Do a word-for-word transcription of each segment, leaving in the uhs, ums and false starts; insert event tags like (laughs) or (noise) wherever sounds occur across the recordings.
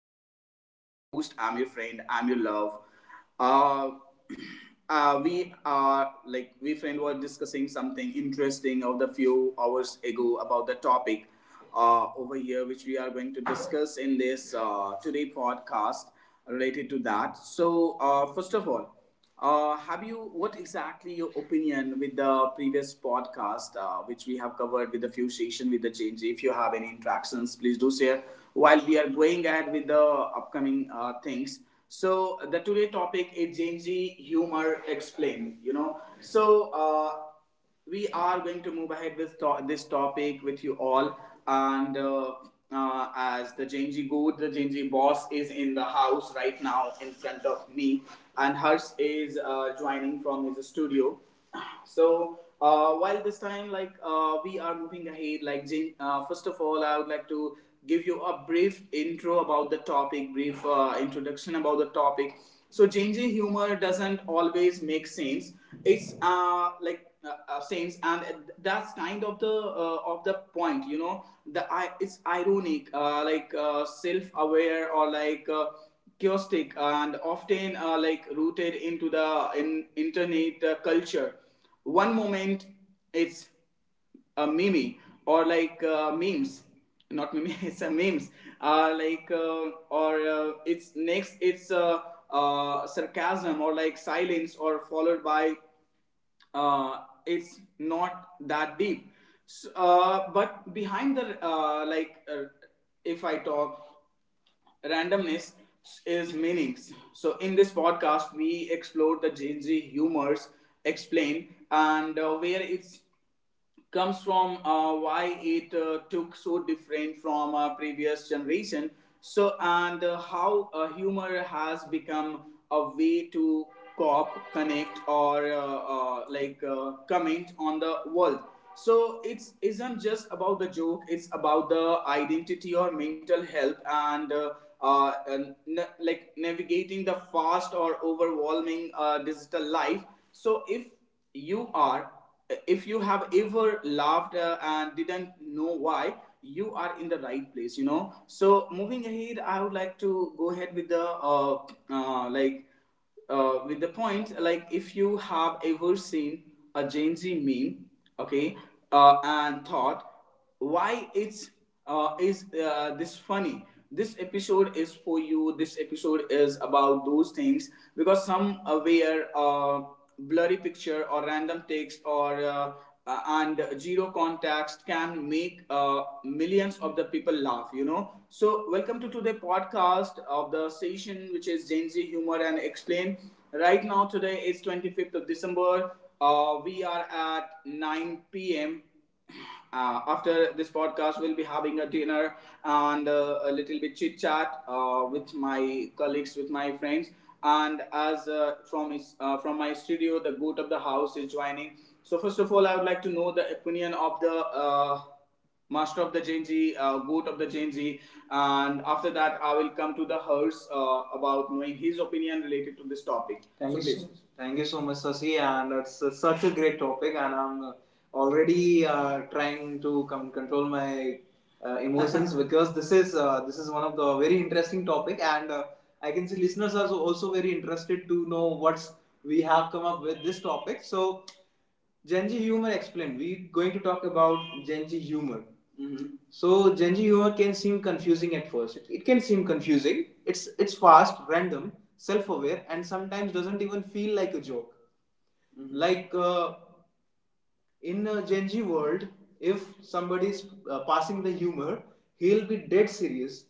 folks. I'm your host, I'm your friend, I'm your love. Uh, (clears throat) uh, we are like we friend were discussing something interesting of the few hours ago about the topic uh, over here, which we are going to discuss in this uh, today podcast related to that. So, uh, first of all. Uh, have you? What exactly your opinion with the previous podcast, uh, which we have covered with the few session with the change? If you have any interactions, please do share while we are going ahead with the upcoming uh, things. So the today topic is Gen Z humor explained. You know, so uh, we are going to move ahead with to- this topic with you all. And uh, uh, as the Genji Good, the Genji boss is in the house right now in front of me, and Harsh is uh, joining from his studio. So uh, while this time, like uh, we are moving ahead, like Gen- uh, first of all, I would like to give you a brief intro about the topic, brief uh, introduction about the topic. So changing humor doesn't always make sense. It's uh, like uh, uh, sense, and that's kind of the uh, of the point. You know, the I it's ironic, uh, like uh, self-aware or like. Uh, chaotic and often uh, like rooted into the in internet uh, culture. One moment it's a meme, or like uh, memes, not meme (laughs) it's a memes, uh, like uh, or uh, it's next it's uh, uh, sarcasm or like silence or followed by, uh, it's not that deep. So, uh, but behind the uh, like uh, if I talk, randomness is meanings. So in this podcast we explore the Gen Z humors explain, and uh, where it's comes from, uh, why it uh, took so different from uh, previous generation. So and uh, how uh, humor has become a way to cop connect or uh, uh, like uh, comment on the world. So it's isn't just about the joke, it's about the identity or mental health and, uh, uh, and na- like navigating the fast or overwhelming uh, digital life. So if you are, if you have ever laughed uh, and didn't know why, you are in the right place, you know. So moving ahead, I would like to go ahead with the uh, uh, like uh, with the point, like if you have ever seen a Gen Z meme, okay, uh, and thought why it's uh, is uh, this funny, this episode is for you. This episode is about those things, because some aware uh, blurry picture or random text or uh, uh, and zero context can make uh, millions of the people laugh, you know. So welcome to today podcast of the session, which is Gen Z humor and explain. Right now today is twenty-fifth of December. uh, we are at nine p m p.m. uh, after this podcast we'll be having a dinner and uh, a little bit chit chat uh, with my colleagues, with my friends. And as uh, from his, uh, from my studio the goat of the house is joining. So first of all I would like to know the opinion of the, uh, Master of the Genji, uh, Goat of the Genji, and after that I will come to the Hers uh, about knowing his opinion related to this topic. Thank So you, so, thank you so much, Sasi, and it's uh, such a great topic, and I'm uh, already uh, trying to com- control my uh, emotions (laughs) because this is uh, this is one of the very interesting topic, and uh, I can see listeners are also very interested to know what's we have come up with this topic. So Gen Z humor explained. We're going to talk about Gen Z humor. Mm-hmm. So Gen Z humor can seem confusing at first. It, it can seem confusing. It's it's fast, random, self-aware, and sometimes doesn't even feel like a joke. Mm-hmm. Like uh, in a Genji world, if somebody's uh, passing the humor, he'll be dead serious.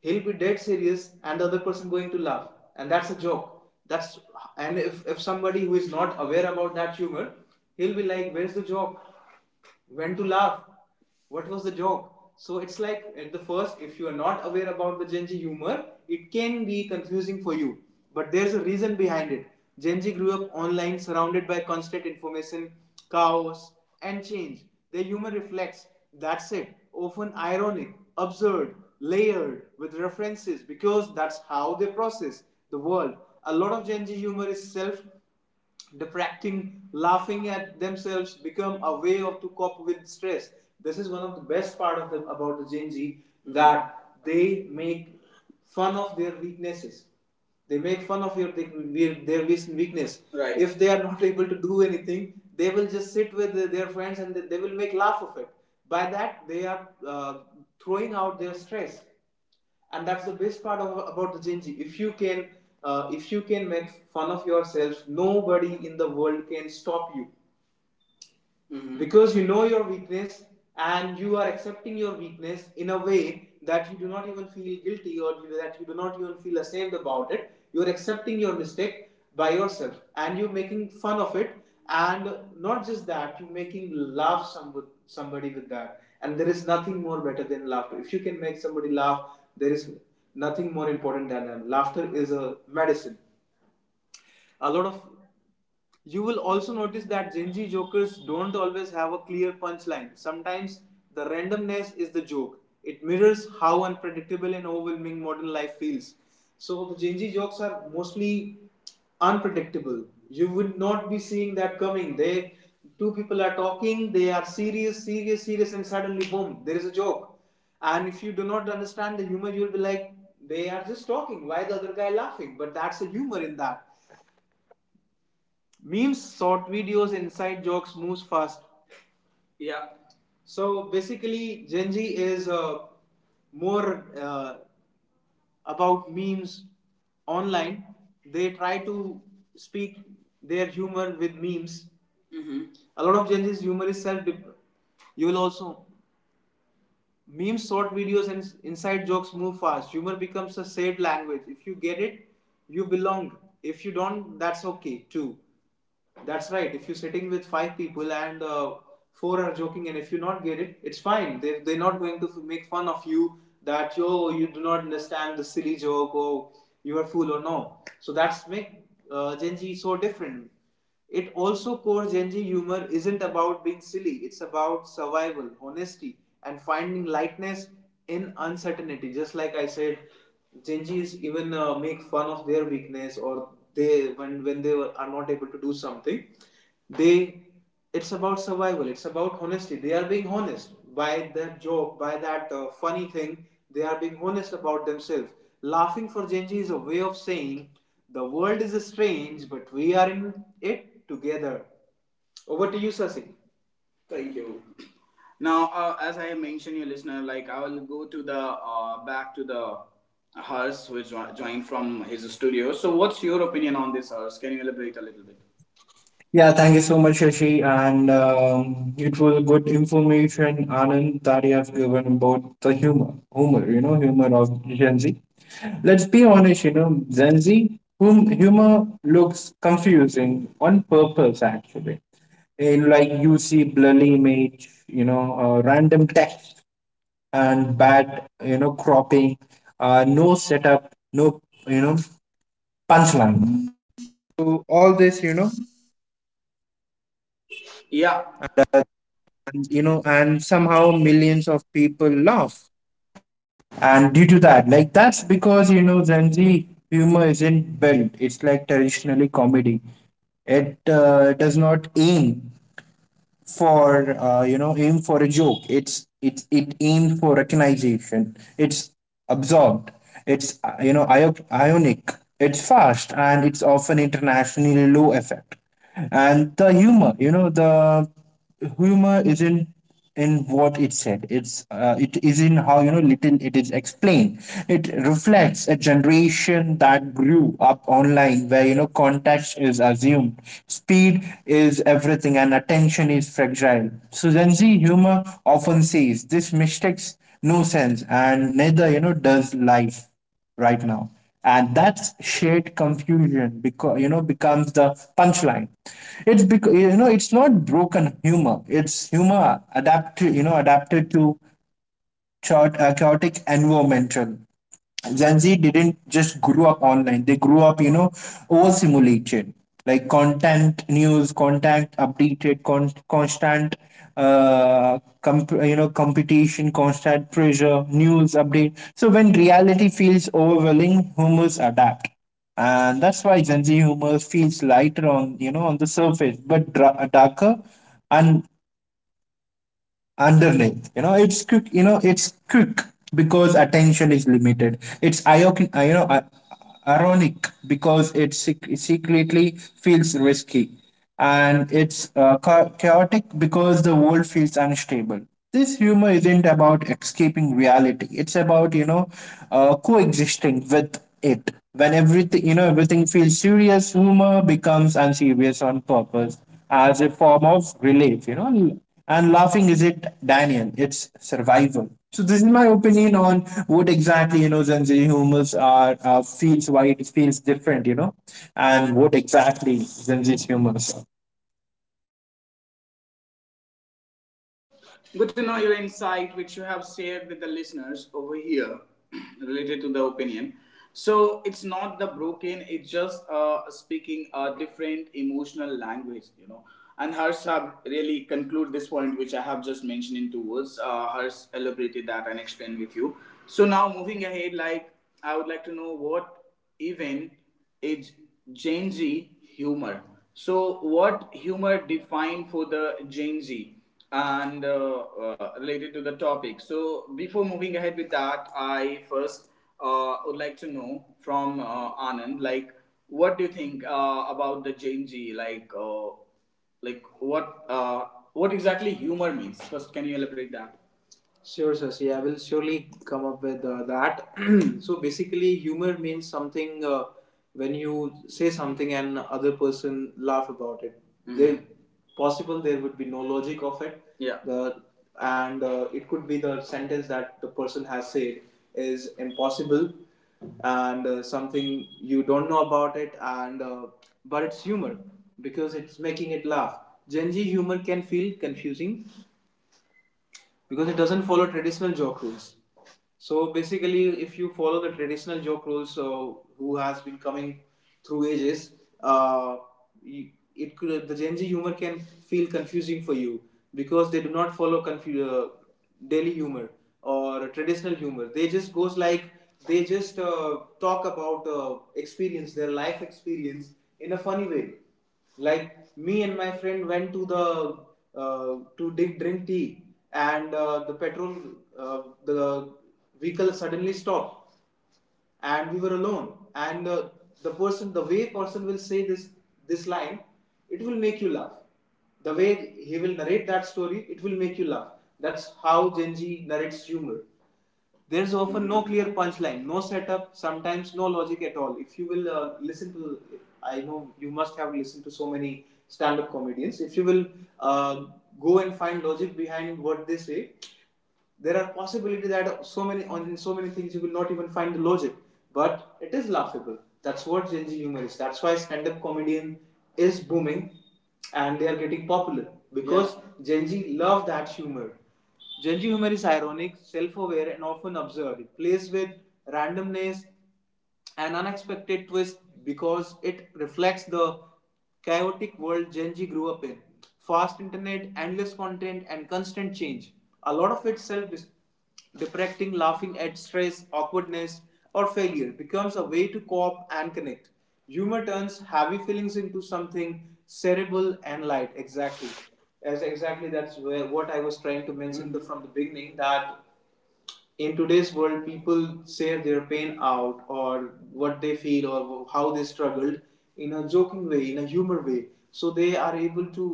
He'll be dead serious, and the other person going to laugh, and that's a joke. That's, and if if somebody who is not aware about that humor, he'll be like, "Where's the joke? When to laugh? What was the joke?" So it's like at the first, if you are not aware about the Gen Z humor, it can be confusing for you, but there's a reason behind it. Gen Z grew up online, surrounded by constant information, chaos, and change. Their humor reflects that's it often ironic, absurd, layered with references, because that's how they process the world. A lot of Gen Z humor is self depracting. Laughing at themselves become a way of to cope with stress. This is one of the best part of them about the Gen Z, that they make fun of their weaknesses. They make fun of your their weakness. Right. If they are not (laughs) able to do anything, they will just sit with their friends and they will make laugh of it. By that they are uh, throwing out their stress, and that's the best part of, about the Gen Z. If you can, uh, if you can make fun of yourself, nobody in the world can stop you. Mhm. Because you know your weakness, and you are accepting your weakness in a way that you do not even feel guilty, or that you do not even feel ashamed about it. You are accepting your mistake by yourself and you're making fun of it. And not just that, you're making laugh somebody, somebody with that, and there is nothing more better than laughter. If you can make somebody laugh, there is nothing more important than that. Laughter is a medicine. A lot of, you will also notice that Gen Z jokers don't always have a clear punchline. Sometimes the randomness is the joke. It mirrors how unpredictable and overwhelming modern life feels. So the Gen Z jokes are mostly unpredictable. You would not be seeing that coming. They, two people are talking, they are serious, serious, serious, and suddenly boom, there is a joke. And if you do not understand the humor, you'll be like, they are just talking. Why is the other guy laughing? But that's the humor in that. Memes, short videos, inside jokes moves fast. Yeah. So basically, Gen Z is uh, more uh, about memes online. They try to speak their humor with memes. Mm-hmm. A lot of Gen Z's humor is self dip. You will also memes, short videos, and inside jokes move fast. Humor becomes a said language. If you get it, you belong. If you don't, that's okay too. That's right. If you're sitting with five people and uh, four are joking, and if you not get it, it's fine. They they're not going to make fun of you that yo you do not understand the silly joke or you are fool or no. So that's make uh, Gen Z so different. It also core Gen Z humor isn't about being silly. It's about survival, honesty, and finding lightness in uncertainty. Just like I said, Genjis even uh, make fun of their weakness, or they when when they are not able to do something, they, it's about survival. It's about honesty. They are being honest by that joke, by that uh, funny thing. They are being honest about themselves. Laughing for Genji is a way of saying the world is strange, but we are in it together. Over to you, Sasi. Thank you. Now, uh, as I mentioned, your listener, like I will go to the uh, back to the Hers, who jo- joined from his studio. So, what's your opinion on this, Hers? Can you elaborate a little bit? Yeah, thank you so much, Shashi. And um, it was good information, Anand, that you have given about the humor, humor, you know, humor of Gen Z. Let's be honest, you know, Gen Z, whom humor looks confusing on purpose, actually. In, like you see blurry image, you know, uh, random text and bad, you know, cropping, uh, no setup, no, you know, Yeah, isn't built. It's like traditionally comedy. It uh, does not aim for uh, you know aim for a joke. It's it it aims for recognition. It's absorbed. It's uh, you know io- ionic. It's fast and it's often internationally low effect. And the humor, you know, the humor isn't in what it said. It's uh, it is in how, you know, little it is explained. It reflects a generation that grew up online, where, you know, context is assumed, speed is everything, and attention is fragile. So Gen Z humor often says this mistakes no sense, and neither, you know, does life right now. And that's shared confusion, because, you know, becomes the punchline. It's because, you know, it's not broken humor. It's humor adapted, you know, adapted to chaot- uh, chaotic environmental. Gen Z didn't just grew up online. They grew up, you know, overstimulated. Like content news, content updated, con- constant, uh, comp- you know, competition, constant pressure, news update. So when reality feels overwhelming, humans adapt, and that's why Gen Z humor feels lighter on, you know, on the surface, but dra- darker and underneath. You know, it's quick, you know, it's quick because attention is limited. It's ionic, uh, you know i- ironic, because it sec- secretly feels risky, and it's uh, cha- chaotic because the world feels unstable. This humor isn't about escaping reality. It's about, you know, uh, coexisting with it. When everything, you know, everything feels serious, humor becomes unserious on purpose as a form of relief, you know. And laughing isn't Daniel, it's survival. So this is my opinion on what exactly, you know, Gen Z humors are, uh, feels, why it feels different, you know, and what exactly Gen Z humors are. good to know your insight, which you have shared with the listeners over here, (clears throat) related to the opinion. So it's not the broken; it's just uh, speaking a different emotional language, you know. And Harsh have really conclude this point, which I have just mentioned in two words. Uh, Harsh elaborated that and explained with you. So now moving ahead, like I would like to know what event is Gen Z humor. So, what humor defined for the Gen Z and uh, uh, related to the topic? So, before moving ahead with that, I first uh, would like to know from uh, Anand, like, what do you think uh, about the Gen Z? Like, uh, like what uh, what exactly humor means? First, can you elaborate that? Sure, Sasi. I will surely come up with uh, that. (clears throat) So basically, humor means something uh, when you say something and other person laugh about it. Mhm. There, possible there would be no logic of it. Yeah. The and uh, It could be the sentence that the person has said is impossible and uh, something you don't know about it and uh, but it's humor because it's making it laugh. Gen Z humor can feel confusing because it doesn't follow traditional joke rules. So basically, if you follow the traditional joke rules, so who has been coming through ages, uh, it could the Gen Z humor can feel confusing for you because they do not follow confu- uh, daily humor or traditional humor. They just goes like they just uh, talk about uh, experience, their life experience in a funny way, like me and my friend went to the uh, to dig, drink tea, and uh, the petrol uh, the vehicle suddenly stopped and we were alone. And uh, The person, the way person will say this this line, it will make you laugh. The way he will narrate that story, it will make you laugh. That's how Genji narrates humor. There's often no clear punchline, no setup, sometimes no logic at all. If you will uh, listen to, I know you must have listened to so many stand up comedians. If you will uh, go and find logic behind what they say, there are possibility that so many on in so many things you will not even find the logic, but it is laughable. That's what Gen Z humor is. That's why stand-up comedian is booming and they are getting popular because, yeah, Gen Z love that humor. Gen Z humor is ironic, self-aware, and often absurd. It plays with randomness, an unexpected twist, because it reflects the chaotic world Gen Genji grew up in. Fast internet, endless content, and constant change. A lot of itself is depressing, laughing at stress, awkwardness, or failure becomes a way to cope and connect. Humor turns heavy feelings into something cerebral and light. Exactly. As exactly, that's where what I was trying to mention, the, from the beginning, that in today's world people share their pain out or what they feel or how they struggled in a joking way, in a humor way, so they are able to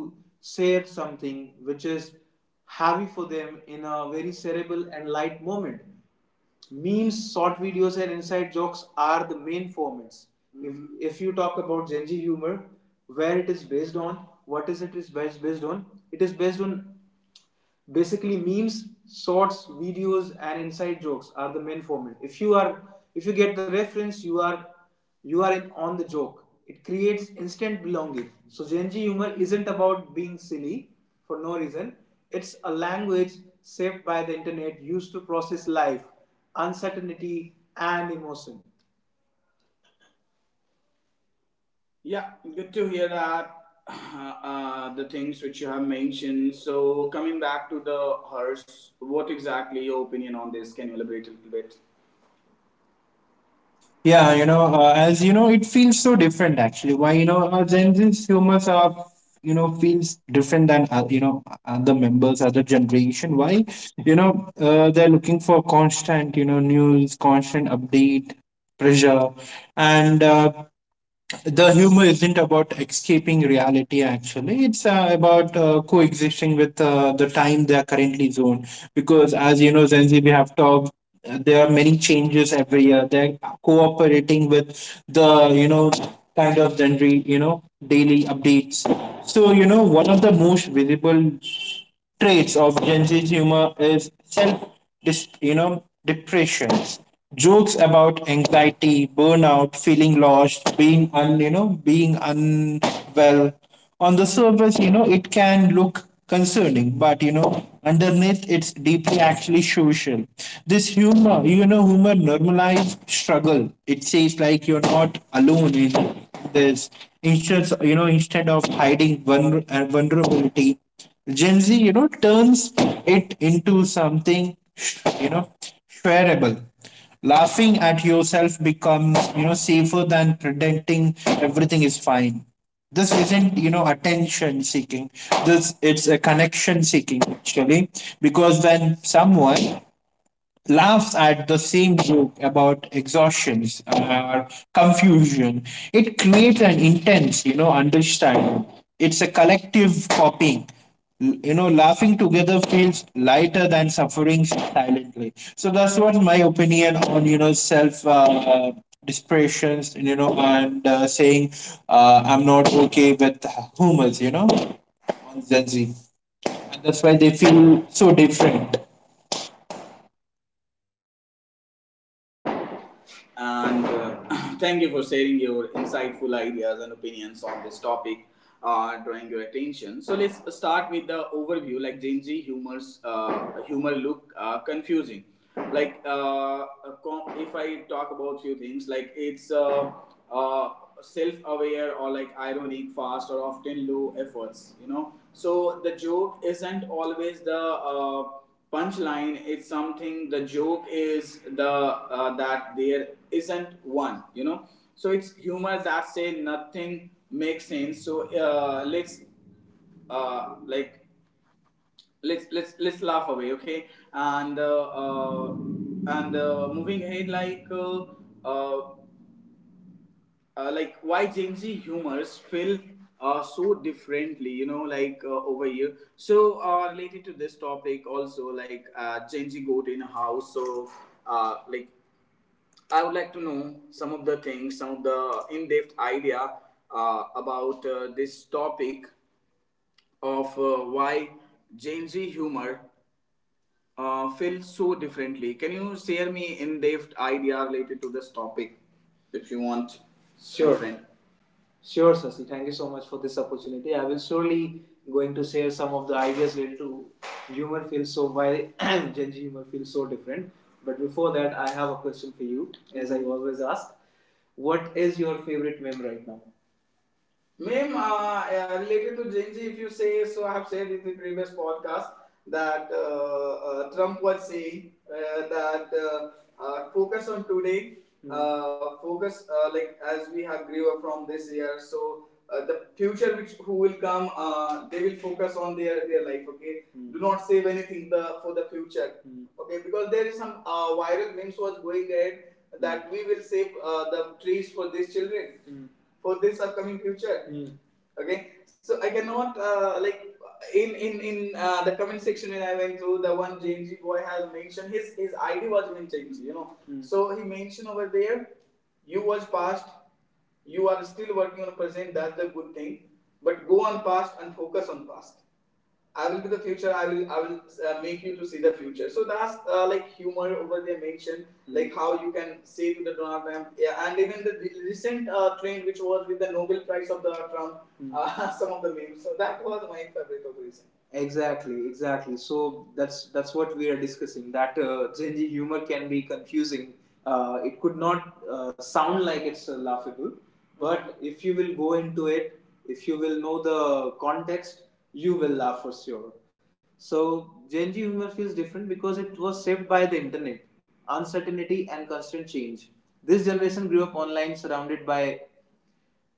share something which is heavy for them in a very cerebral and light moment. Memes, short videos, and inside jokes are the main formats. Mm-hmm. if, if you talk about Gen Z humor, where it is based on, what is it is based, based on it is based on basically memes, shorts videos, and inside jokes are the main format. If you are if you get the reference, you are you are in, on the joke. It creates instant belonging. So Gen Z humor isn't about being silly for no reason. It's a language shaped by the internet, used to process life, uncertainty, and emotion. Yeah, good to hear that. Uh, uh, the things which you have mentioned. So, coming back to the hearse, what exactly your opinion on this? Can you elaborate a little bit? Yeah, you know, uh, as you know, it feels so different actually. Why, you know, our Gen Z humors are, you know, feels different than, uh, you know, other members, other generation. Why, you know, uh, they're looking for constant, you know, news, constant update, pressure, and uh, the humor isn't about escaping reality actually. It's uh, about uh, coexisting with uh, the time they are currently zoned, because, as you know, zenzi, we have talked, uh, there are many changes every year. They're cooperating with the, you know, kind of genre, you know, daily updates. So, you know, one of the most visible traits of Gen Z humor is self, you know, depressions, jokes about anxiety, burnout, feeling lost, being un, you know, being unwell. On the surface, you know, it can look concerning, but, you know, underneath, it's deeply actually social. This humor, you know, humor normalize struggle. It says like, you're not alone in this. Instead, you know, instead of hiding vulner- uh, vulnerability, Gen Z, you know, turns it into something, sh- you know, shareable. Laughing at yourself becomes, you know, safer than pretending everything is fine. This isn't, you know, attention seeking. This it's a connection seeking actually, because when someone laughs at the same joke about exhaustions or confusion, it creates an intense, you know, understanding. It's a collective copying. L- You know, laughing together feels lighter than suffering silently. So that's what my opinion on, you know, self uh, depressions, you know, and uh, saying uh, I'm not okay with humans, you know, on Gen Z. And that's why they feel so different. And uh, (clears throat) (laughs) Thank you for sharing your insightful ideas and opinions on this topic. Uh, drawing your attention, so let's start with the overview. Like Gen Z humors uh, humor look uh, confusing. like uh, if I talk about few things, like it's uh, uh, self-aware or like ironic, fast, or often low efforts, you know. So the joke isn't always the, uh, punchline is something, the joke is the uh, that there isn't one, you know. So it's humor that say nothing makes sense. So uh, let's uh, like let's let's let's laugh away, okay. And uh, uh, and uh, moving ahead, like uh, uh, uh, like why Gen Z humors feel uh, so differently, you know, like uh, over here. So uh, related to this topic also, like uh, Gen Z goat in a house. So uh, like I would like to know some of the things, some of the in-depth idea uh, about uh, this topic of uh, why Gen Z humor uh, feels so differently. Can you share me in-depth idea related to this topic, if you want, my Sure. My friend? Sure, Sasi. Thank you so much for this opportunity. I will surely going to share some of the ideas related to humor feels so why (clears throat) Gen Z humor feels so different. But before that, I have a question for you, as I always ask. What is your favorite meme right now? Ma'am, uh, uh, related to Gen, if you say so, I have said in the previous podcast that uh, uh, Trump was saying uh, that uh, uh, focus on today, mm-hmm, uh, focus uh, like as we have grew up from this year. So uh, the future which who will come, uh, they will focus on their their life. Okay. Mm-hmm. Do not save anything the for the future. Mm-hmm. Okay, because there is some uh, viral memes was going ahead that, mm-hmm, we will save uh, the trees for these children. Mm-hmm. For this upcoming future. Mm. Okay. So I cannot uh, like in in in uh, the comment section when I went through, the one JMG boy has mentioned, his his ID was even changed, you know. Mm. So he mentioned over there, you was past, you are still working on present, that's the good thing, but go on past and focus on past. I will be the future. I will I will uh, make you to see the future. So that's uh, like humor over there mentioned, mm-hmm, like how you can say to the Donald Trump, yeah, and even the recent uh, trend which was with the Nobel Prize of the Trump, mm-hmm, uh, (laughs) some of the memes. So that was my favorite of the recent. Exactly, exactly. So that's that's what we are discussing. That uh, Gen Z humor can be confusing. Uh, it could not uh, sound like it's uh, laughable, but if you will go into it, if you will know the context, you will laugh for sure. So Gen Z humor feels different because it was shaped by the internet, uncertainty, and constant change. This generation grew up online, surrounded by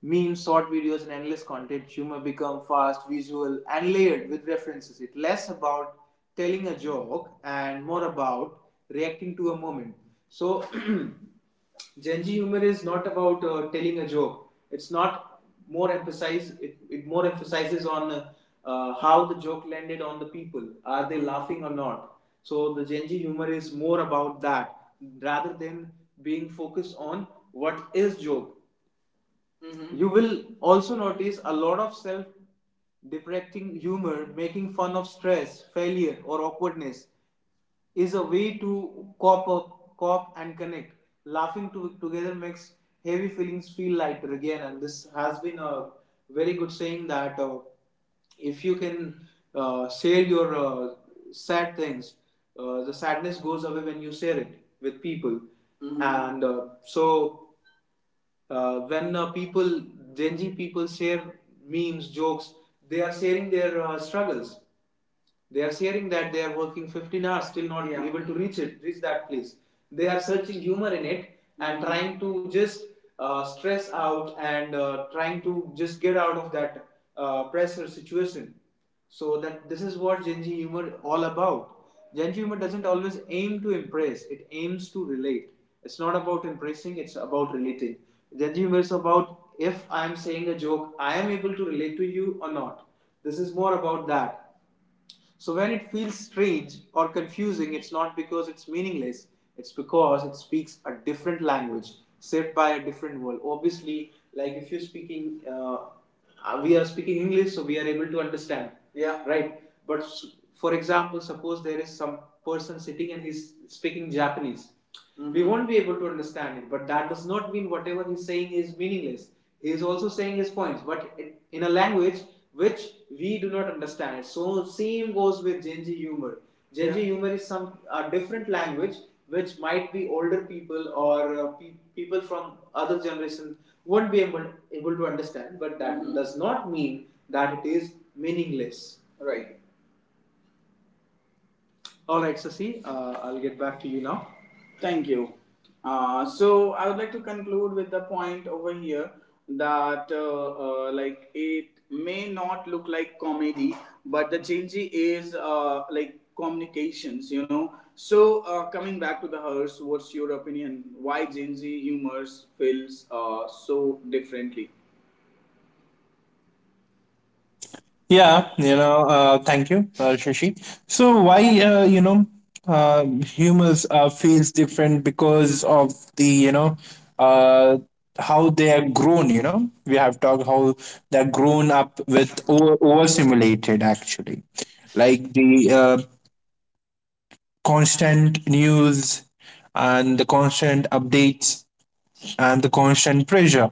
memes, short videos, and endless content. Humor become fast, visual, and layered with references. It's less about telling a joke and more about reacting to a moment. So, (clears throat) Gen Z humor is not about uh, telling a joke. It's not more emphasize. It, it more emphasizes on uh, uh, how the joke landed on the people. Are they laughing or not? So the Gen Z humor is more about that rather than being focused on what is joke. Mm-hmm. You will also notice a lot of self deprecating humor. Making fun of stress, failure, or awkwardness is a way to cop up, cop and connect. Laughing to, together makes heavy feelings feel lighter again, and this has been a very good saying that uh, if you can uh, share your uh, sad things, uh, the sadness goes away when you share it with people, mm-hmm, and uh, so uh, when uh, people, Gen Z people, share memes, jokes, they are sharing their uh, struggles. They are sharing that they are working fifteen hours, still not, yeah, able to reach it, reach that place. They are searching humor in it and, mm-hmm, trying to just uh, stress out and uh, trying to just get out of that uh, pressure situation. So that this is what Gen Z humor all about. Gen Z humor doesn't always aim to impress; it aims to relate. It's not about impressing; it's about relating. Gen Z humor is about, if I am saying a joke, I am able to relate to you or not. This is more about that. So when it feels strange or confusing, it's not because it's meaningless, it's because it speaks a different language, shaped by a different world. Obviously, like if you're speaking, uh, uh, we are speaking English, so we are able to understand. Yeah. Right? But for example, suppose there is some person sitting and he's speaking Japanese. Mm-hmm. We won't be able to understand it, but that does not mean whatever he's saying is meaningless. He is also saying his points, but in a language which we do not understand. So same goes with Genji humor. Genji Z humor is some a different language which might be older people or uh, pe- people from other generations won't be able, able to understand. But that, mhm, does not mean that it is meaningless. Right. All right, Sasi, uh, I'll get back to you now. Thank you. Uh, so I would like to conclude with the point over here that uh, uh, like it may not look like comedy, but the changey is uh, like communications, you know. So uh, coming back to the hearse, what's your opinion? Why Gen Z humors feels uh, so differently? Yeah, you know, uh, thank you, uh, Shashi. So why, uh, you know, uh, humans uh, feels different because of the, you know, uh, how they are grown, you know. We have talked how they're grown up with over overstimulated actually. Like the uh, constant news, and the constant updates, and the constant pressure.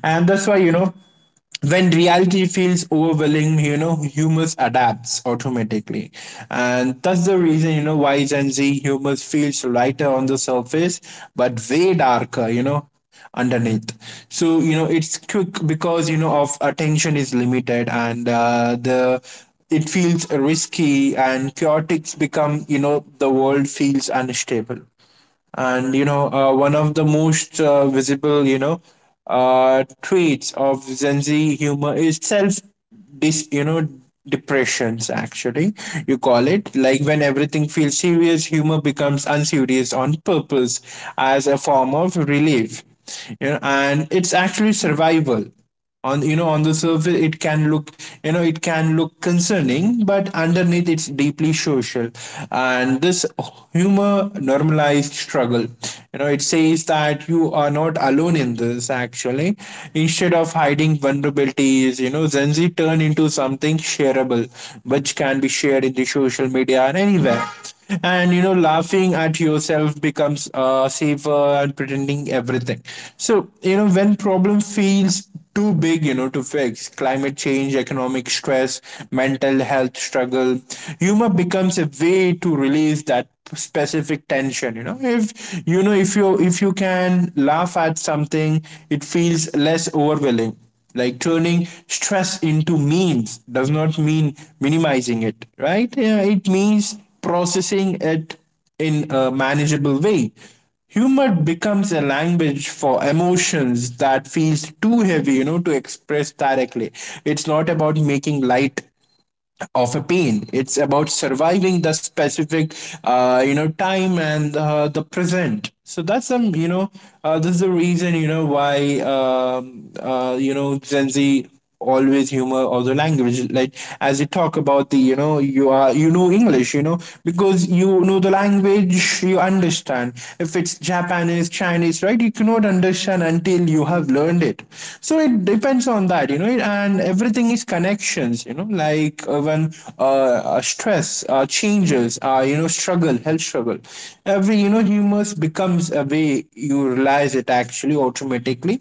And that's why, you know, when reality feels overwhelming, you know, humans adapts automatically. And that's the reason, you know, why Gen Z humans feels lighter on the surface, but way darker, you know, underneath. So, you know, it's quick because, you know, of attention is limited, and uh, the it feels risky and chaotic, become, you know, the world feels unstable. And, you know, uh, one of the most uh, visible, you know, uh, traits of Gen Z humor is self dis, you know, depressions actually, you call it. Like when everything feels serious, humor becomes unserious on purpose as a form of relief, you know, and it's actually survival. On, you know, on the surface it can look, you know, it can look concerning, but underneath, it's deeply social. And this humor normalized struggle, you know. It says that you are not alone in this actually. Instead of hiding vulnerabilities, you know, zenzi turn into something shareable, which can be shared in the social media and anywhere. And, you know, laughing at yourself becomes uh, safer and pretending everything. So, you know, when problem feels too big, you know, to fix, climate change, economic stress, mental health struggle, humor becomes a way to release that specific tension, you know. If, you know, if you, if you can laugh at something, it feels less overwhelming. Like turning stress into means does not mean minimizing it, right? Yeah, it means processing it in a manageable way. Humor becomes a language for emotions that feels too heavy, you know, to express directly. It's not about making light of a pain. It's about surviving the specific uh, you know, time and uh, the present. So that's some, you know, uh, this is the reason, you know, why um, uh, you know, Gen Z always humor or the language, like as you talk about the, you know, you are, you know, English, you know, because, you know, the language you understand. If it's Japanese, Chinese, right, you cannot understand until you have learned it. So it depends on that, you know. And everything is these connections, you know, like uh, when uh, uh, stress, uh, changes, uh, you know, struggle, health struggle, every, you know, humors becomes a way you realize it actually automatically.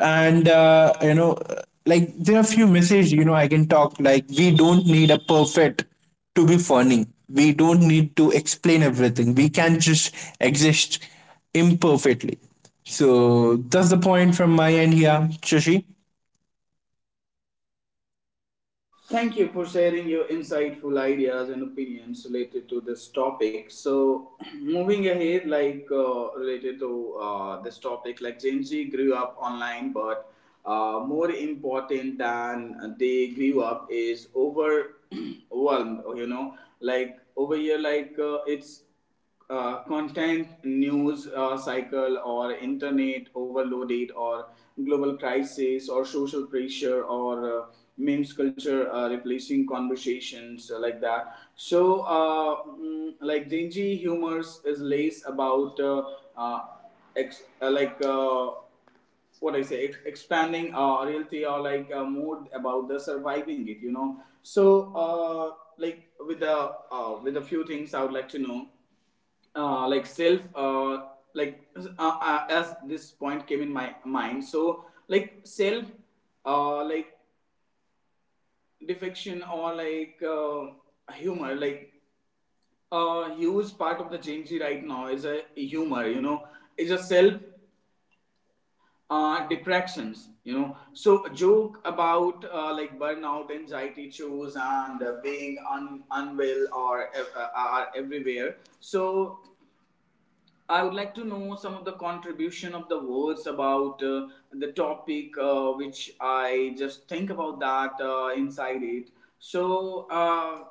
And, uh, you know, like there are few messages, you know, I can talk, like we don't need a perfect to be funny. We don't need to explain everything. We can just exist imperfectly. So that's the point from my end here, Shashi. Thank you for sharing your insightful ideas and opinions related to this topic. So, (clears throat) moving ahead, like uh, related to uh, this topic, like Gen Z grew up online, but uh, more important than they grew up is over, (clears throat) overwhelmed. You know, like over here, like uh, it's uh, content news uh, cycle or internet overloaded or global crisis or social pressure or uh, memes culture uh, replacing conversations uh, like that so uh, mm, like gen z humors is less about uh, uh, ex- uh, like uh, what I say, ex- expanding uh, reality or like uh, more about the surviving it, you know. So, uh, like with the uh, with a few things, I would like to know uh, like self uh, like uh, uh, as this point came in my mind so like self uh, like defection or like uh, humor like a huge part of the Gen Z right now is a humor, you know, is a self uh, depressions, you know. So joke about uh, like burnout, anxiety issues, and uh, being un- unwell or uh, are everywhere. So I would like to know some of the contribution of the words about uh, the topic uh, which I just think about that uh, inside it. So. Uh,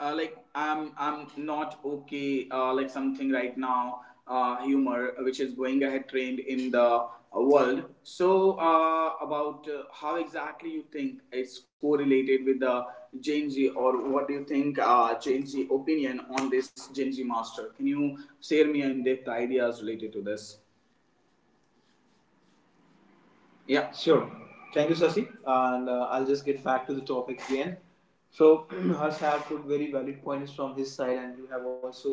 uh, Like i'm i'm not okay uh, like something right now uh, humor which is going ahead trend in the uh, world so uh, about uh, how exactly you think it's correlated with the gen z, or what do you think uh, gen z opinion on this, gen z master? Can you share me in depth ideas related to this? Yeah. Sure. Thank you, Sasi. And uh, I'll just get back to the topic again. So, (clears throat) Harsh have put very valid points from his side, and you have also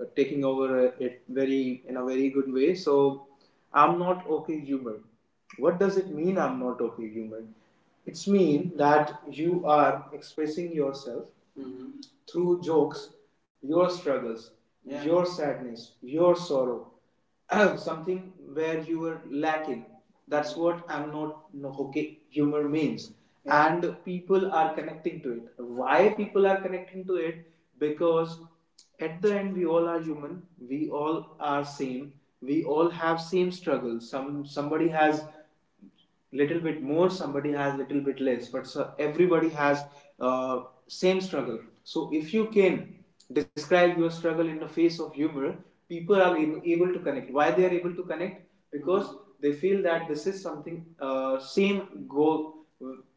uh, taking over uh, it very in a very good way. So, I'm not okay humored. What does it mean? I'm not okay humored. It's mean that you are expressing yourself, mhm, through jokes, your struggles, yeah, your sadness, your sorrow, (clears throat) something where you were lacking. That's what I'm not no okay humor means. Yeah. And people are connecting to it. Why people are connecting to it? Because at the end we all are human, we all are same, we all have same struggles. Some somebody has little bit more, somebody has little bit less, but so everybody has uh, same struggle, so if you can describe your struggle in the face of humor, people are ab- able to connect. Why they are able to connect? Because they feel that this is something uh, same go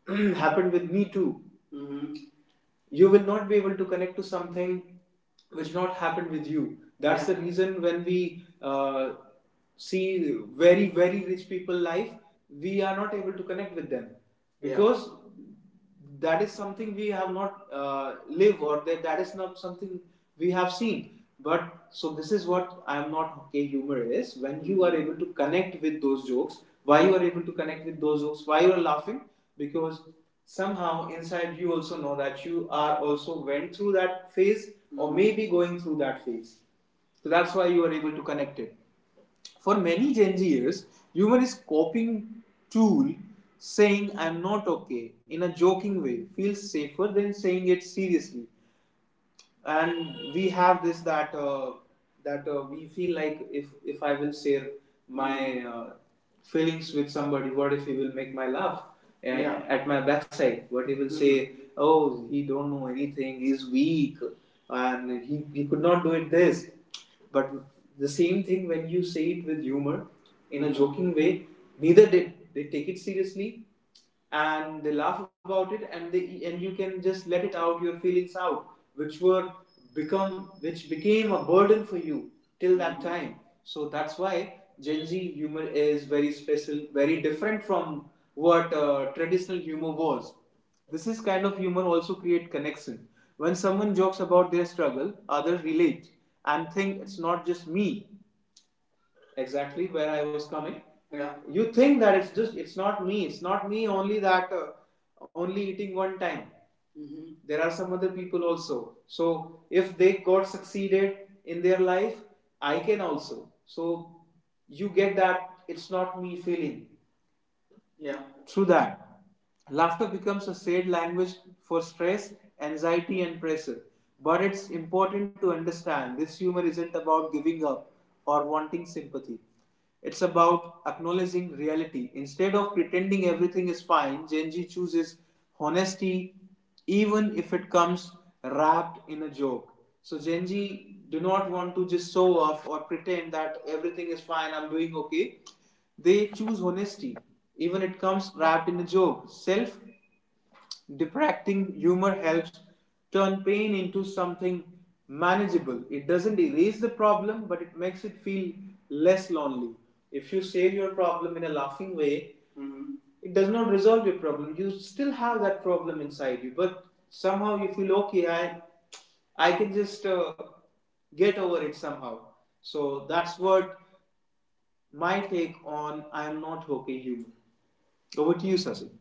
(clears throat) happened with me too. Mm-hmm. You will not be able to connect to something which not happened with you, that's, yeah, the reason. When we uh, see very very rich people life, we are not able to connect with them, yeah, because, yeah, that is something we have not uh, lived, or that, that is not something we have seen. But so this is what I am not okay humor is, when you are able to connect with those jokes. Why you are able to connect with those jokes? Why you are laughing? Because somehow inside you also know that you are also went through that phase, mm-hmm, or mhm, maybe going through that phase. So that's why you are able to connect it. For many Gen Zers, humor is coping tool, saying I'm not okay in a joking way feels safer than saying it seriously, and we have this that uh, that uh, we feel like if if I will share my uh, feelings with somebody, what if he will make my laugh and, yeah, at my backside? What he will say? Oh, he don't know anything. He's weak, and he he could not do it this. But the same thing when you say it with humor, in a joking way, neither did they take it seriously, and they laugh about it, and they, and you can just let it out your feelings out, which were become which became a burden for you till that time. So that's why gen z humor is very special, very different from what uh, traditional humor was. This is kind of humor also create connection. When someone jokes about their struggle, others relate and think it's not just me, exactly where I was coming. Yeah. You think that it's just it's not me. It's not me only that uh, only eating one time. Mm-hmm. There are some other people also. So if they got succeeded in their life, I can also. So you get that it's not me feeling. Yeah. Through that, laughter becomes a said language for stress, anxiety, and pressure. But it's important to understand this humor isn't about giving up or wanting sympathy. It's about acknowledging reality. Instead of pretending everything is fine, Genji chooses honesty, even if it comes wrapped in a joke. So Genji do not want to just show off or pretend that everything is fine, I'm doing okay. They choose honesty, even it comes wrapped in a joke. Self Depracting humor helps turn pain into something manageable. It doesn't erase the problem, but it makes it feel less lonely. If you share your problem in a laughing way, mhm, it does not resolve your problem. You still have that problem inside you, but somehow you feel okay. I, I can just uh, get over it somehow. So that's what my take on I am not okay humor. Over to you, Sasi.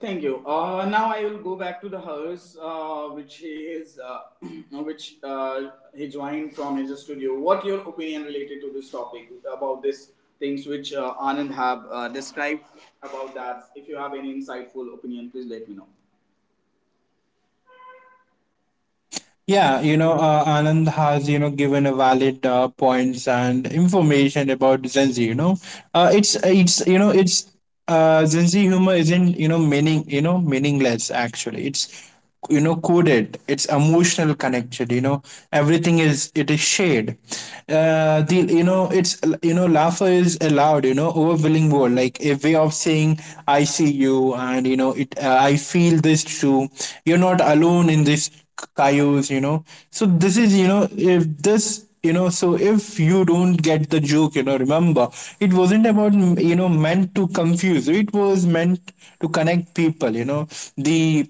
Thank you. Uh, now I will go back to the house, uh, which he is, uh, (clears throat) which uh, he joined from his studio. What your opinion related to this topic about this things which uh, Anand have uh, described about that? If you have any insightful opinion, please let me know. Yeah, you know, uh, Anand has, you know, given a valid uh, points and information about Gen Z, you know. Uh, it's, it's, you know, it's, uh, Gen Z humor isn't, you know, meaning, you know, meaningless actually. It's, you know, coded. It's emotional connected, you know. Everything is, it is shade. Uh, the, you know, it's, you know, laughter is allowed, you know, overwhelming word, like a way of saying, I see you, and, you know, it, uh, I feel this too. You're not alone in this coyotes, you know. So this is, you know, if this, you know, so if you don't get the joke, you know, remember it wasn't about, you know, meant to confuse. It was meant to connect people, you know. The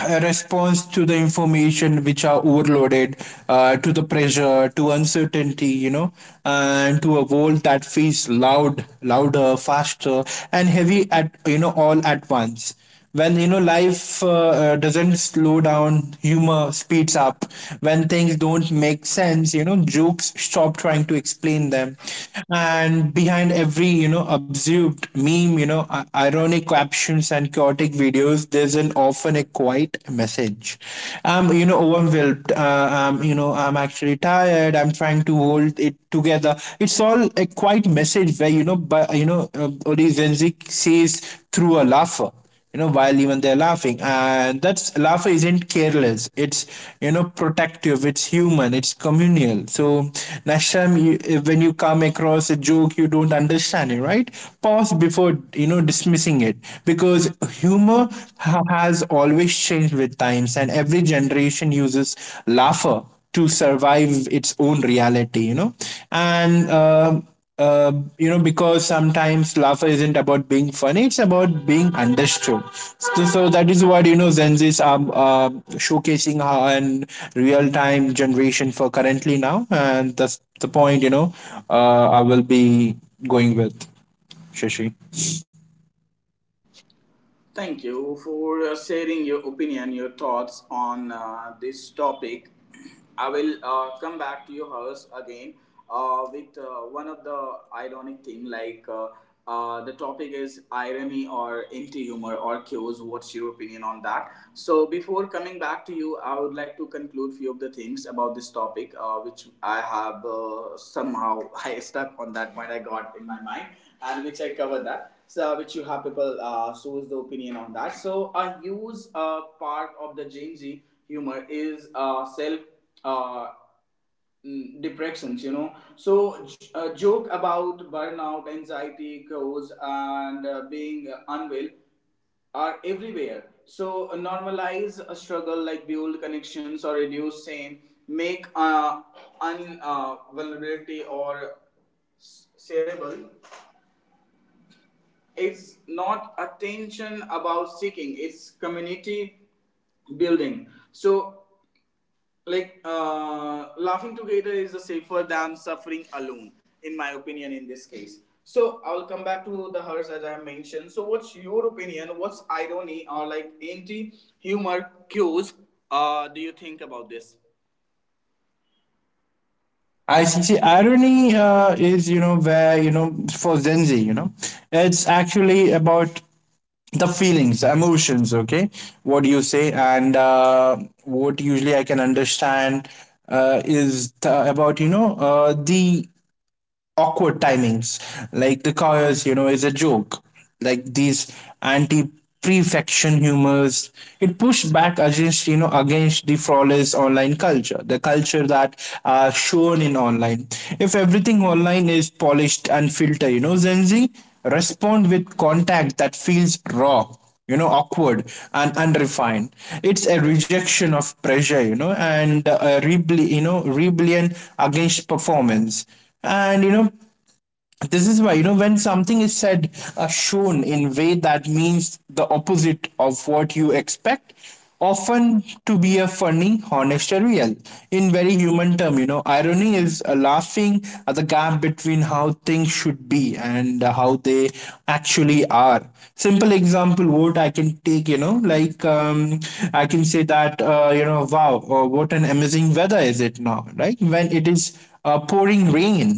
a response to the information which are overloaded, uh, to the pressure, to uncertainty, you know, and to a world that feels loud, louder, faster, and heavy at, you know, all at once. When, you know, life uh, uh, doesn't slow down, humor speeds up. When things don't make sense, you know, jokes stop trying to explain them. And behind every, you know, absurd meme, you know, i- ironic captions and chaotic videos, there's an often a quiet message. I'm, you know, overwhelmed, uh, I'm, you know, I'm actually tired, I'm trying to hold it together. It's all a quiet message where, you know, but, you know, uh, Ori Zenzik says through a laugh, you know, while even they're laughing. And that's laughter isn't careless. It's, you know, protective. It's human, it's communal. So next time you, when you come across a joke you don't understand it, right, pause before, you know, dismissing it, because humor ha- has always changed with times, and every generation uses laughter to survive its own reality, you know. And uh, uh, you know, because sometimes laughter isn't about being funny, it's about being understood. So, so that is what, you know, zenzis are uh, showcasing how and real time generation for currently now. And that's the point, you know, uh, I will be going with, Shashi. Thank you for uh, sharing your opinion, your thoughts on uh, this topic. I will uh, come back to your house again uh, with uh, one of the ironic thing like uh, uh, the topic is irony or anti humor or cues. What's your opinion on that? So before coming back to you, I would like to conclude few of the things about this topic, uh, which I have uh, somehow (laughs) I stuck on that point I got in my mind, and which I covered that, so which you have people uh, shows the opinion on that. So a huge uh, part of the Gen Z humor is uh, self uh, mm, depressions. You know, so j- a joke about burnout, anxiety, goes and uh, being uh, unwell are everywhere. So uh, normalize a struggle like build connections or reduce shame, make uh, un uh, vulnerability or s- shareable, it's not attention about seeking, it's community building. So, like, uh, laughing together is safer than suffering alone, in my opinion, in this case. So, I'll come back to the hers as I mentioned. So, what's your opinion? What's irony or like anti humor cues uh, do you think about this? I see. See, irony uh, is, you know, where, you know, for Gen Z, you know, it's actually about the feelings, the emotions. Okay, what you say, and uh, what usually I can understand uh, is the, about, you know, uh, the awkward timings, like the cars, you know, is a joke. Like these anti prefection humors, it pushed back against, you know, against the flawless online culture, the culture that are shown in online. If everything online is polished and filtered, you know, Gen Z respond with contact that feels raw, you know, awkward, and unrefined. It's a rejection of pressure, you know, and a rebel, you know, rebellion against performance. And you know, this is why, you know, when something is said, uh, shown in way that means the opposite of what you expect, often to be a funny, honest, or real. In very human term, you know, irony is a laughing at the gap between how things should be and uh, how they actually are. Simple example what I can take, you know, like, um, I can say that, uh, you know, wow, uh, what an amazing weather is it now, right, when it is uh, pouring rain.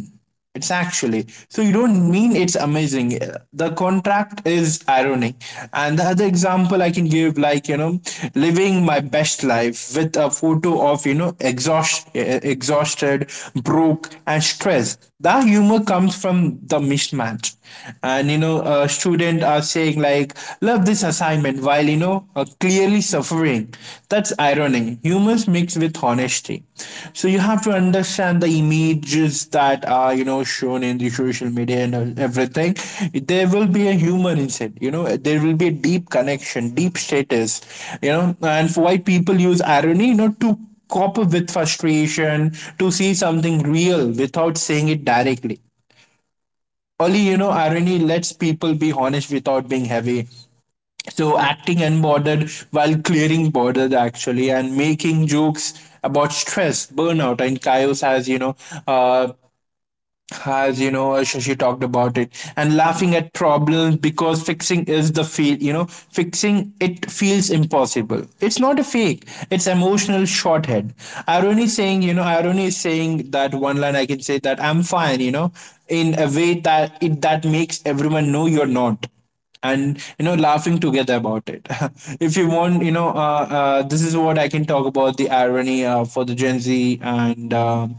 It's actually so you don't mean it's amazing. The contract is ironic, and the other example I can give, like, you know, living my best life with a photo of, you know, exhaust, exhausted, broke, and stressed. The humor comes from the mismatch, and you know, a student are saying like, love this assignment, while you know, uh, clearly suffering. That's irony. Humors mixed with honesty. So you have to understand the images that are, you know, shown in the social media and everything. There will be a humor inside, you know, there will be a deep connection, deep status, you know. And for why people use irony, you know, to cope with frustration, to see something real without saying it directly. Only, you know, irony lets people be honest without being heavy, so acting unbothered while clearing bothered actually, and making jokes about stress, burnout, and chaos, as you know, uh, as you know, Shashi talked about it, and laughing at problems because fixing is the feel, you know, fixing it feels impossible. It's not a fake, it's emotional shorthand. Irony saying you know irony is saying that one line. I can say that I'm fine, you know, in a way that it that makes everyone know you're not, and you know, laughing together about it. (laughs) If you want, you know, uh, uh, this is what I can talk about the irony uh, for the Gen Z. And um,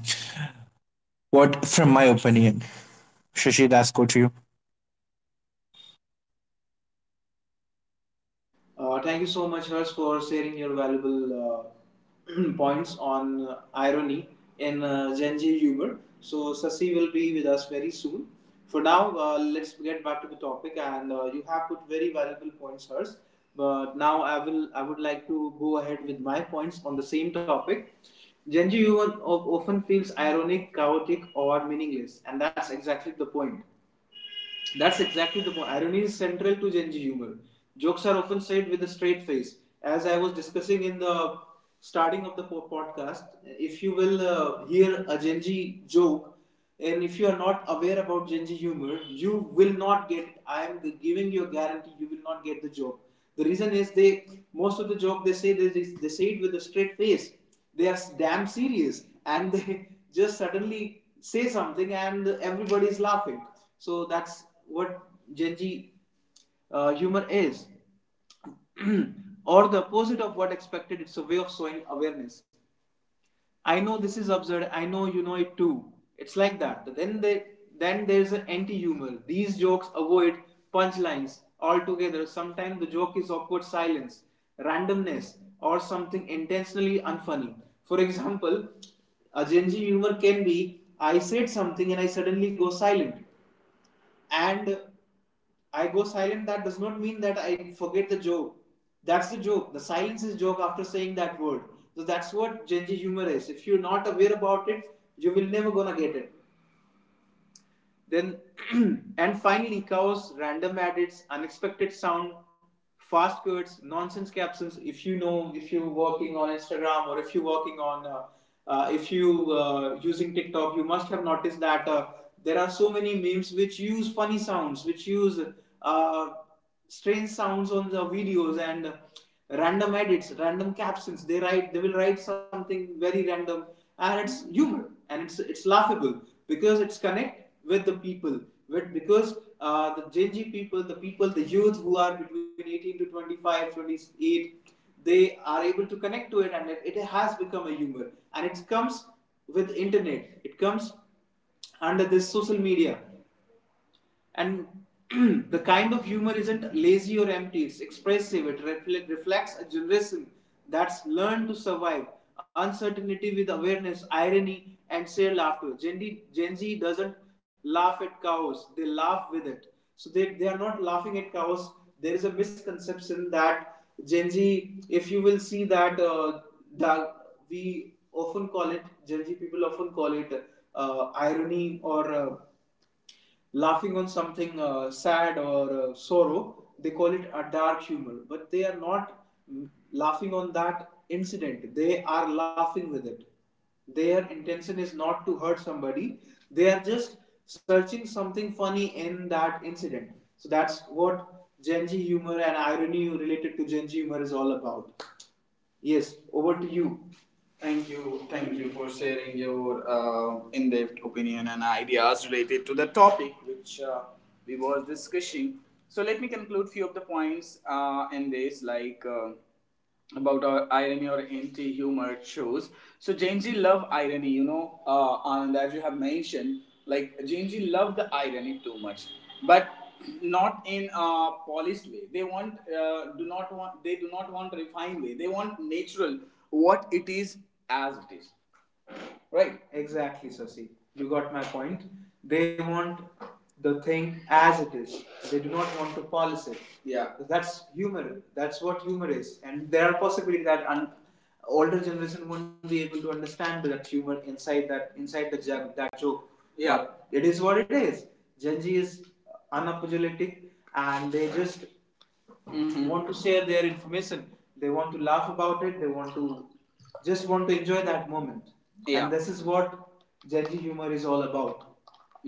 what from my opinion, Shashi, that's good to you. Uh, thank you so much, Hers, for sharing your valuable uh, (clears throat) points on uh, irony in uh, Gen Z humor. So, Sasi will be with us very soon. For now, uh, let's get back to the topic, and uh, you have put very valuable points, Hers. But now, I will I would like to go ahead with my points on the same topic. Gen Z humor of- often feels ironic, chaotic, or meaningless, and that's exactly the point. That's exactly the point. Irony is central to Gen Z humor. Jokes are often said with a straight face. As I was discussing in the starting of the po- podcast, if you will uh, hear a Gen Z joke, and if you are not aware about Gen Z humor, you will not get it. I am giving you a guarantee you will not get the joke. The reason is, they most of the joke they say, they, they say it with a straight face. They are damn serious, and they (laughs) just suddenly say something and everybody is laughing, so that's what Gen Z uh, humor is, (clears throat) or the opposite of what expected. It's a way of showing awareness. I know this is absurd. I know you know it too. It's like that. But then they then there's an anti-humor. These jokes avoid punchlines altogether. Sometimes the joke is awkward silence, randomness, or something intentionally unfunny. For example, a Gen Z humor can be I said something and I suddenly go silent. And I go silent, that does not mean that I forget the joke. That's the joke. The silence is joke after saying that word. So that's what Gen Z humor is. If you're not aware about it, you will never gonna get it. Then, (clears throat) and finally, cows, random edits, unexpected sound, fast cuts, nonsense captions. If you know, if you're working on Instagram or if you're working on, uh, uh, if you uh, using TikTok, you must have noticed that uh, there are so many memes which use funny sounds, which use uh, strange sounds on the videos and random edits, random captions. They write, they will write something very random, and it's humor and it's it's laughable because it's connect with the people. With because uh, the Gen Z people, the people, the youth who are between eighteen to twenty-five, twenty-eight, they are able to connect to it, and it, it has become a humor. And it comes with internet. It comes under this social media and (clears throat) the kind of humor isn't lazy or empty, it's expressive, it refle- reflects a generation that's learned to survive uncertainty with awareness, irony, and shared laughter. Gen, D, Gen Z doesn't laugh at chaos, they laugh with it. So they, they are not laughing at chaos. There is a misconception that Gen Z, if you will see that, uh, that we often call it, Gen Z people often call it uh, irony or uh, laughing on something uh, sad or uh, sorrow, they call it a dark humor. But they are not mm, laughing on that incident, they are laughing with it. Their intention is not to hurt somebody, they are just searching something funny in that incident. So that's what Gen Z humor and irony related to Gen Z humor is all about. Yes, over to you. Thank you, thank you for sharing your uh, in-depth opinion and ideas related to the topic which uh, we was discussing. So let me conclude few of the points uh, in this, like uh, about our irony or anti-humor shows. So Gen Z love irony, you know, uh, and as you have mentioned, like Gen Z love the irony too much, but not in a polished way they want uh, do not want they do not want refined way they want natural what it is as it is, right? Exactly, Sasi. You got my point. They want the thing as it is. They do not want to polish it. Yeah. That's humor. That's what humor is. And there are possibilities that un- older generation won't be able to understand that humor inside that inside the jug, that joke. Yeah. But it is what it is. Gen Z is unapologetic, and they just mm-hmm, want to share their information, they want to laugh about it, they want to just want to enjoy that moment. Yeah. And this is what judgy humor is all about.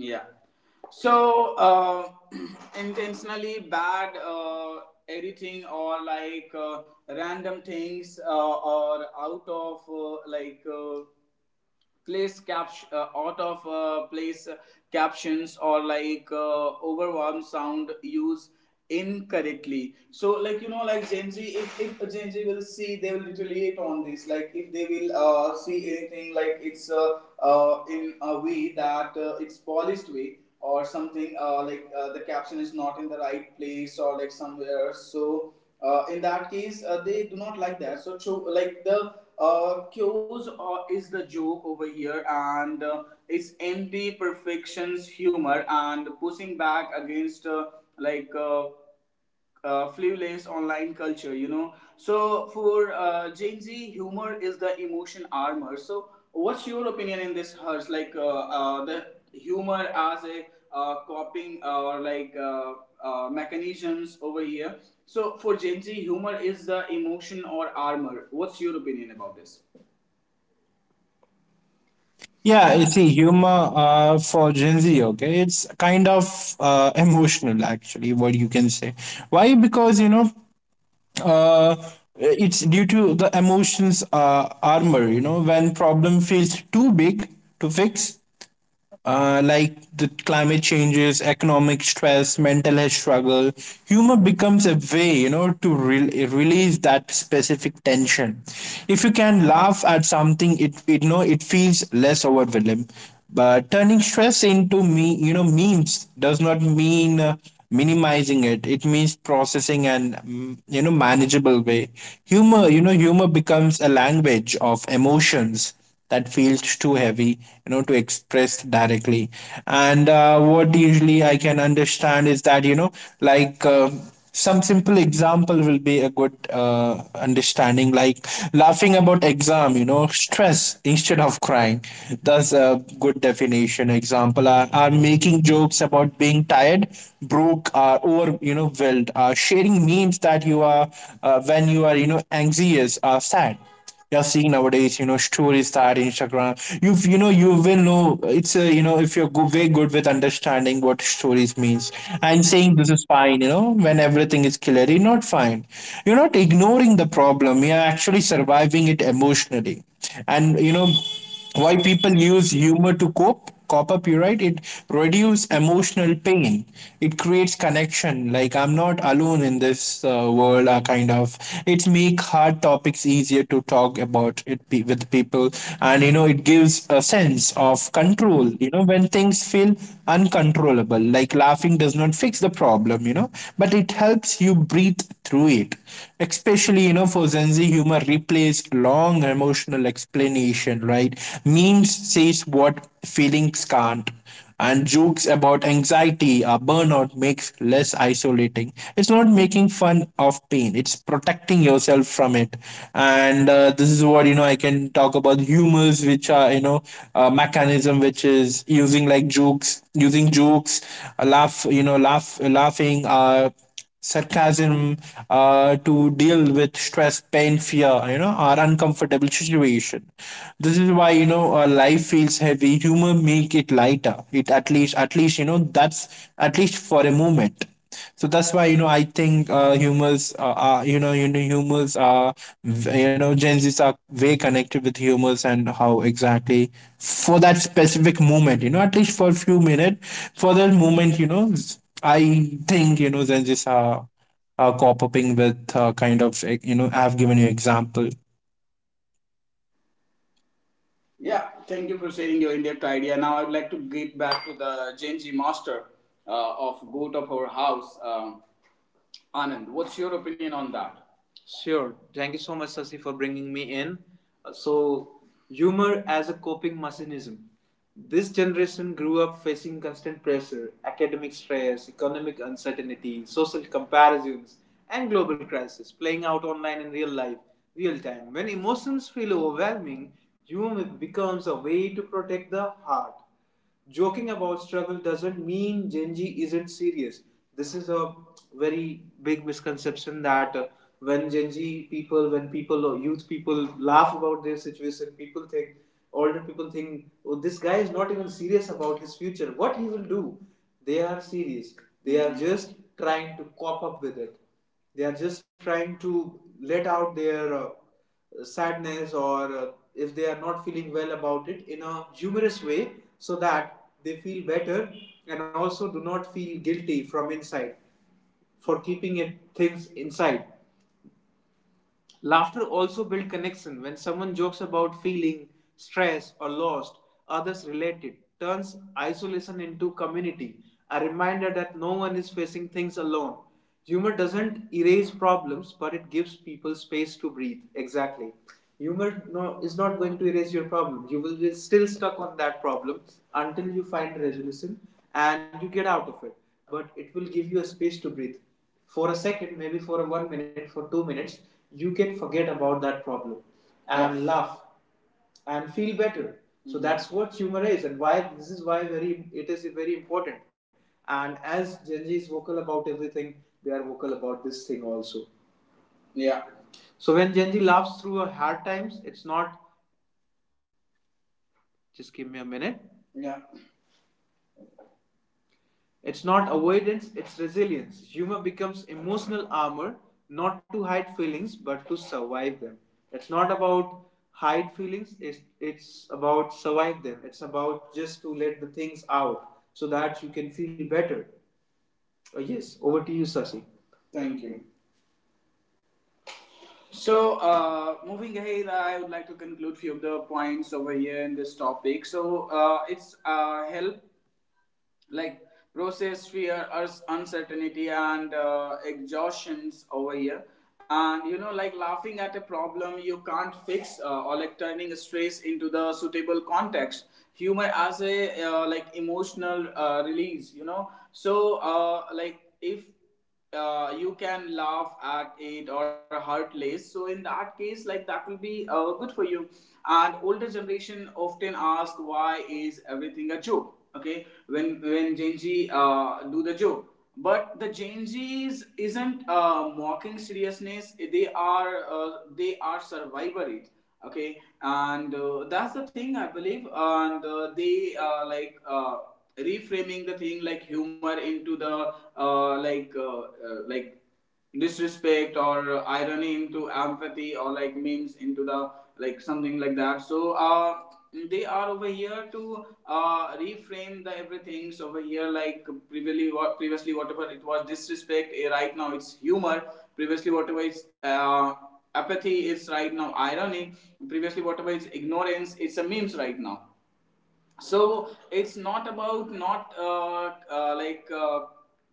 Yeah. So uh, (clears throat) intentionally bad uh, editing or like uh, random things uh, or out of uh, like uh, place caps uh, out of uh, place captions or like uh, overwhelm sound use incorrectly so like you know like gen z if, if a gen z will see they will retaliate on this like if they will uh, see anything like it's uh, uh, in a way that uh, it's polished way or something uh, like uh, the caption is not in the right place or like somewhere so uh, in that case uh, they do not like that so cho- like the uh, cues uh, is the joke over here, and uh, it's anti perfection's humor and pushing back against uh, like. Uh, uh, flueless online culture, you know. So for uh, Gen Z, humor is the emotion armor. So what's your opinion in this, Hers? Like uh, uh, the humor as a uh, coping or like uh, uh, mechanisms over here. So for Gen Z, humor is the emotion or armor. What's your opinion about this? Yeah, you see, humor uh, for Gen Z, okay, it's kind of uh, emotional, actually, what you can say. Why? Because, you know, uh, it's due to the emotions uh, armor, you know, when problem feels too big to fix, uh, like the climate changes, economic stress, mental health struggle, humor becomes a way, you know, to re- release that specific tension. If you can laugh at something, it, it, you know, it feels less overwhelming. But turning stress into me, you know, memes does not mean uh, minimizing it. It means processing and mm, you know, manageable way. Humor, you know, humor becomes a language of emotions that feels too heavy, you know, to express directly. And uh, what usually I can understand is that, you know, like, uh, some simple example will be a good uh, understanding, like laughing about exam, you know, stress instead of crying. That's a good definition example, are, are making jokes about being tired, broke, uh, or you know, wild, uh, sharing memes that you are, uh, when you are, you know, anxious or sad. You're seeing nowadays, you know, stories that Instagram, you've, you know, you will know it's a, you know, if you're go- very good with understanding what stories means, and saying this is fine, you know, when everything is clear you not fine. You're not ignoring the problem, you're actually surviving it emotionally. And you know, why people use humor to cope, cop up you right. It reduces emotional pain, it creates connection, like I'm not alone in this, uh, world, uh, kind of. It make hard topics easier to talk about it pe- with people. And you know, it gives a sense of control, you know, when things feel uncontrollable. Like laughing does not fix the problem, you know, but it helps you breathe through it. Especially, you know, for Gen Z humor replaces long emotional explanation, right? Memes says what feelings can't, and jokes about anxiety or burnout makes less isolating. It's not making fun of pain. It's protecting protecting yourself from it. And uh, this is what, you know, I can talk about humors, which are, you know, uh, mechanism which is using like jokes, using jokes uh, laugh you know laugh laughing, uh, sarcasm, uh, to deal with stress, pain, fear, you know, or uncomfortable situation. This is why, you know, uh, life feels heavy, humor make it lighter. It at least At least, you know, that's at least for a moment. So that's why, you know, I think uh humors uh, are, you know, you know humors are v- you know Gen Z's are way connected with humors, and how exactly for that specific moment, you know, at least for a few minutes, for that moment, you know, s- I think, you know, Gen Z's are, are cooperating with, uh, kind of, like, you know, I've given you example. Yeah, thank you for sharing your in-depth idea. Now I'd like to get back to the Gen Z master uh, of Goat of Our House, um Anand. What's your opinion on that? Sure. Thank you so much, Sasi, for bringing me in. Uh, So, humor as a coping mechanism. This generation grew up facing constant pressure, academic stress, economic uncertainty, social comparisons, and global crisis playing out online in real life, real time. When emotions feel overwhelming, humor becomes a way to protect the heart. Joking about struggle doesn't mean Genji isn't serious. This is a very big misconception that uh, when Genji people, when people or youth people laugh about their situation, people think, older people think, oh, this guy is not even serious about his future. What he will do? They are serious. They are just trying to cop up with it. They are just trying to let out their uh, sadness or uh, if they are not feeling well about it in a humorous way so that they feel better and also do not feel guilty from inside for keeping it things inside. Laughter also builds connection. When someone jokes about feeling stressed or lost, others relate it, turns isolation into community, a reminder that no one is facing things alone. Humor doesn't erase problems, but it gives people space to breathe. Exactly. Humor no, is not going to erase your problem. You will be still stuck on that problem until you find a resolution and you get out of it. But it will give you a space to breathe for a second, maybe for a one minute, for two minutes, you can forget about that problem and yes, laugh and feel better. Mm-hmm. So, Mhm, that's what humor is, and why this is why very it is very important. And as Gen Z is vocal about everything, they are vocal about this thing also. Yeah. So when Gen Z laughs through a hard times, it's not just give me a minute. Yeah. It's not avoidance, it's resilience. Humor becomes emotional armor, not to hide feelings, but to survive them. It's not about hide feelings, it's, it's about survive them. It's about just to let the things out so that you can feel better. Uh, yes, over to you, Sasi. Thank you. So, uh, moving ahead, I would like to conclude few of the points over here in this topic. So, uh, it's uh, help like process fear urs- uncertainty and uh, exhaustions over here and you know like laughing at a problem you can't fix uh, or like turning stress into the suitable context humor as a uh, like emotional uh, release you know so uh, like if uh, you can laugh at it or hurt less. So in that case, like that will be uh, good for you. And older generation often ask why is everything a joke? Okay, when when Gen Z uh, do the joke, but the Gen Zs isn't uh, mocking seriousness. They are uh, they are survivor it. Okay, and uh, that's the thing I believe, and uh, they uh, like uh, reframing the thing like humor into the uh, like uh, uh, like disrespect or irony into empathy or like memes into the like something like that so uh they are over here to uh, reframe the everything so over here like previously what previously whatever it was disrespect eh, right now it's humor, previously whatever it's uh, apathy is right now irony, previously whatever it's ignorance it's a memes right now. So it's not about not uh, uh, like uh,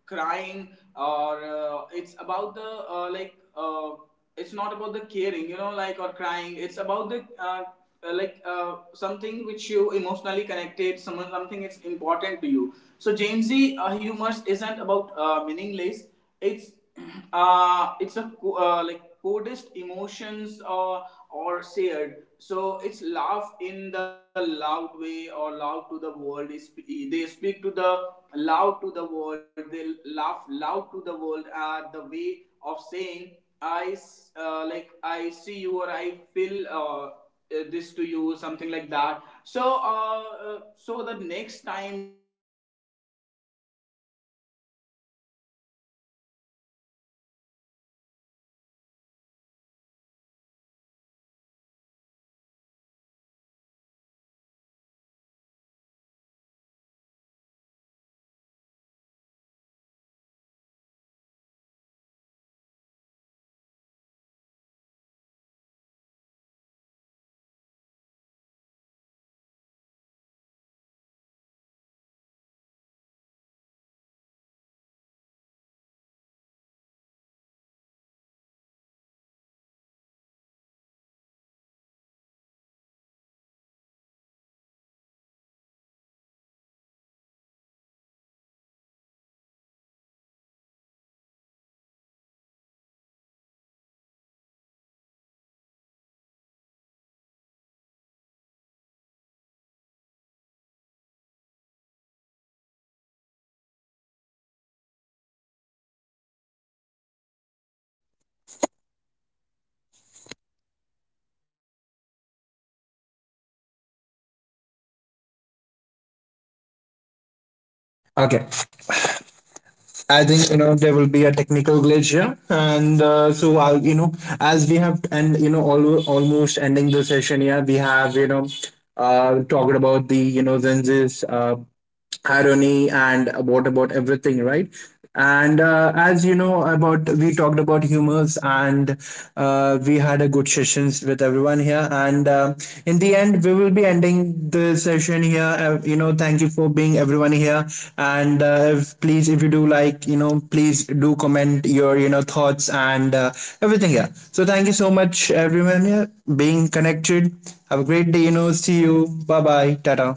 crying or uh, it's about the uh, like uh, it's not about the caring you know like or crying, it's about the uh, uh, like uh, something which you emotionally connected someone something it's important to you. So gen z uh, humor isn't about uh, meaningless, it's (clears throat) uh, it's a co- uh, like codest emotions or or shared so it's laugh in the loud way or loud to the world, they speak to the loud to the world, they laugh loud to the world at the way of saying I uh, like I see you or I feel uh, uh, Okay. I think, you know, there will be a technical glitch here, and uh, so I'll, you know, as we have, and you know, al- almost ending the session here, we have, you know, uh talked about the, you know, lenses, uh irony, and what about everything, right? And uh, as you know about, we talked about humors, and uh, we had a good sessions with everyone here. And uh, in the end, we will be ending the session here. Uh, you know, thank you for being everyone here. And uh, if, please, if you do like, you know, please do comment your, you know, thoughts and uh, everything here. So thank you so much everyone here, being connected. Have a great day, you know, see you. Bye bye, tata.